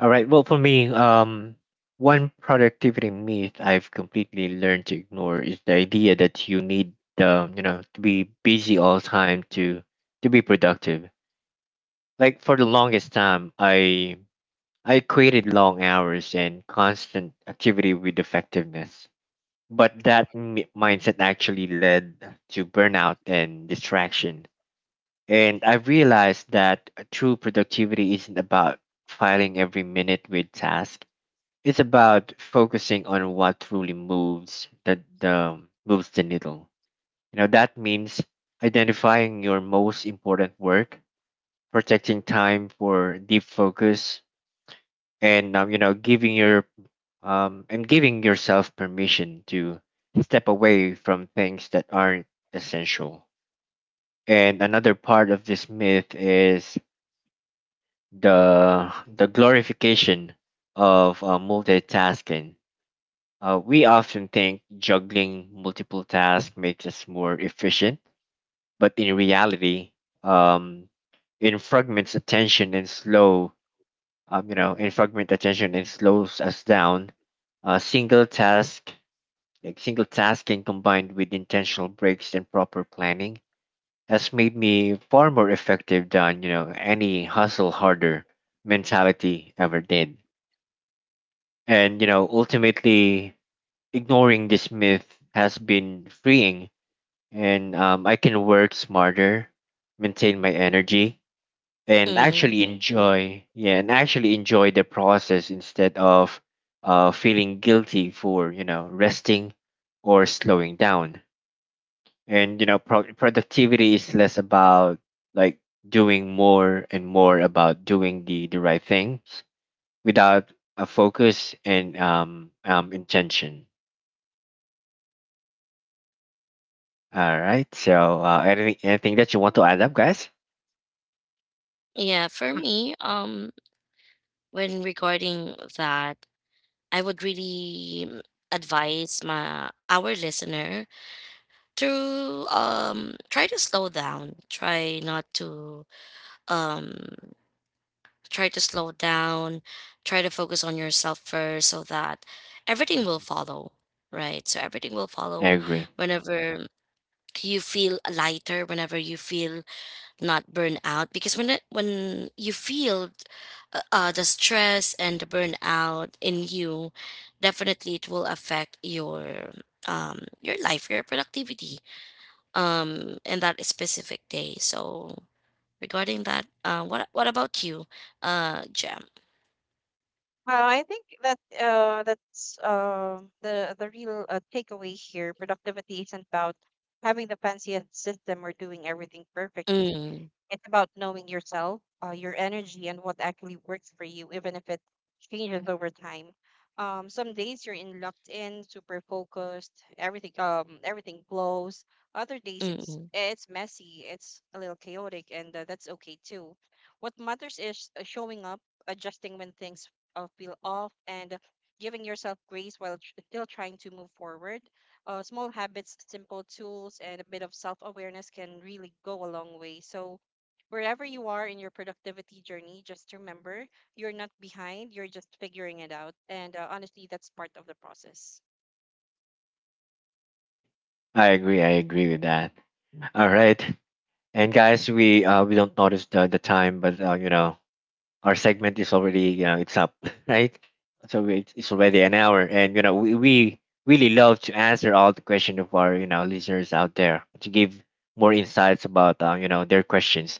Speaker 1: All right. Well, for me, one productivity myth I've completely learned to ignore is the idea that you need, you know, to be busy all the time to be productive. Like for the longest time, I equated long hours and constant activity with effectiveness, but that mindset actually led to burnout and distraction. And I realized that true productivity isn't about filing every minute with tasks. It's about focusing on what truly moves the moves the needle. You know that means identifying your most important work, protecting time for deep focus, and giving yourself permission to step away from things that aren't essential. And another part of this myth is the glorification of multitasking. We often think juggling multiple tasks makes us more efficient, but in reality, um, in fragments attention and slow, you know, in fragment attention and slows us down. A single task, like Single tasking combined with intentional breaks and proper planning, has made me far more effective than any hustle harder mentality ever did. And you know, ultimately, ignoring this myth has been freeing, and I can work smarter, maintain my energy, and
Speaker 3: Mm,
Speaker 1: actually enjoy the process instead of feeling guilty for resting or slowing down. And you know, productivity is less about like doing more and more about doing the right things without a focus and intention. All right. So, anything that you want to add up, guys?
Speaker 3: yeah, for me, when regarding that, I would really advise my our listener to try to slow down, try not to um try to slow down try to focus on yourself first so that everything will
Speaker 1: Mhm.
Speaker 3: follow, right? So everything will
Speaker 1: I
Speaker 3: follow
Speaker 1: agree.
Speaker 3: whenever you feel lighter, whenever you feel not burnt out, because when when you feel the stress and the burnout in you, definitely it will affect your life, your productivity in that specific day. So regarding that, what about you, Jem?
Speaker 2: Well, I think that that's the real takeaway here. Productivity isn't about having the fanciest system or doing everything perfectly.
Speaker 3: Mm,
Speaker 2: It's about knowing yourself, your energy, and what actually works for you, even if it changes over time. Some days you're in locked in, super focused, everything everything flows. Other days it's
Speaker 3: mm.
Speaker 2: it's messy, it's a little chaotic, and that's okay too. What matters is showing up, adjusting when things feel off, and giving yourself grace while still trying to move forward. Small habits, simple tools, and a bit of self awareness can really go a long way. So, wherever you are in your productivity journey, just remember you're not behind, you're just figuring it out. And honestly, that's part of the process.
Speaker 1: I agree. I agree with that. All right. And guys, we don't notice the time, but our segment is already it's up, right? So we, it's already an hour, and you know we really love to answer all the question of our listeners out there to give more insights about you know their questions.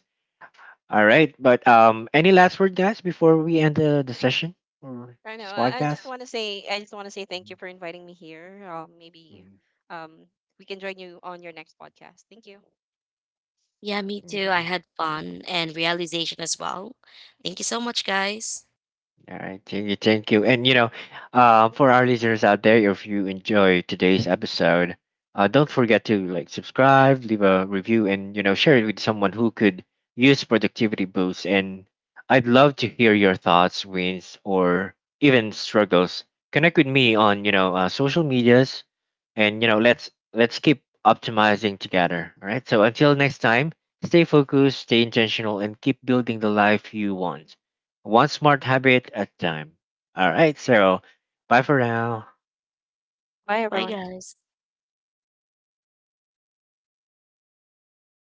Speaker 1: All right. But any last word, guys, before we end the session or
Speaker 2: I know.
Speaker 1: this podcast?
Speaker 2: I just want to say thank you for inviting me here. Maybe
Speaker 1: Mhm.
Speaker 2: um, we can join you on your next podcast. Thank you.
Speaker 3: Yeah, me too. I
Speaker 1: Mhm.
Speaker 3: had fun and realization as well. Thank you so much, guys.
Speaker 1: All right. Thank you. Thank you. And, you know, for our listeners out there, if you enjoy today's episode, don't forget to like subscribe, leave a review, and, you know, share it with someone who could use productivity boosts. And I'd love to hear your thoughts, wins, or even struggles. Connect with me on, you know, social medias and, you know, let's keep optimizing together. All right. So until next time, stay focused, stay intentional, and keep building the life you want. One smart habit at a time. All right, so bye for now.
Speaker 2: Bye,
Speaker 3: Bye,
Speaker 2: everyone.
Speaker 3: guys.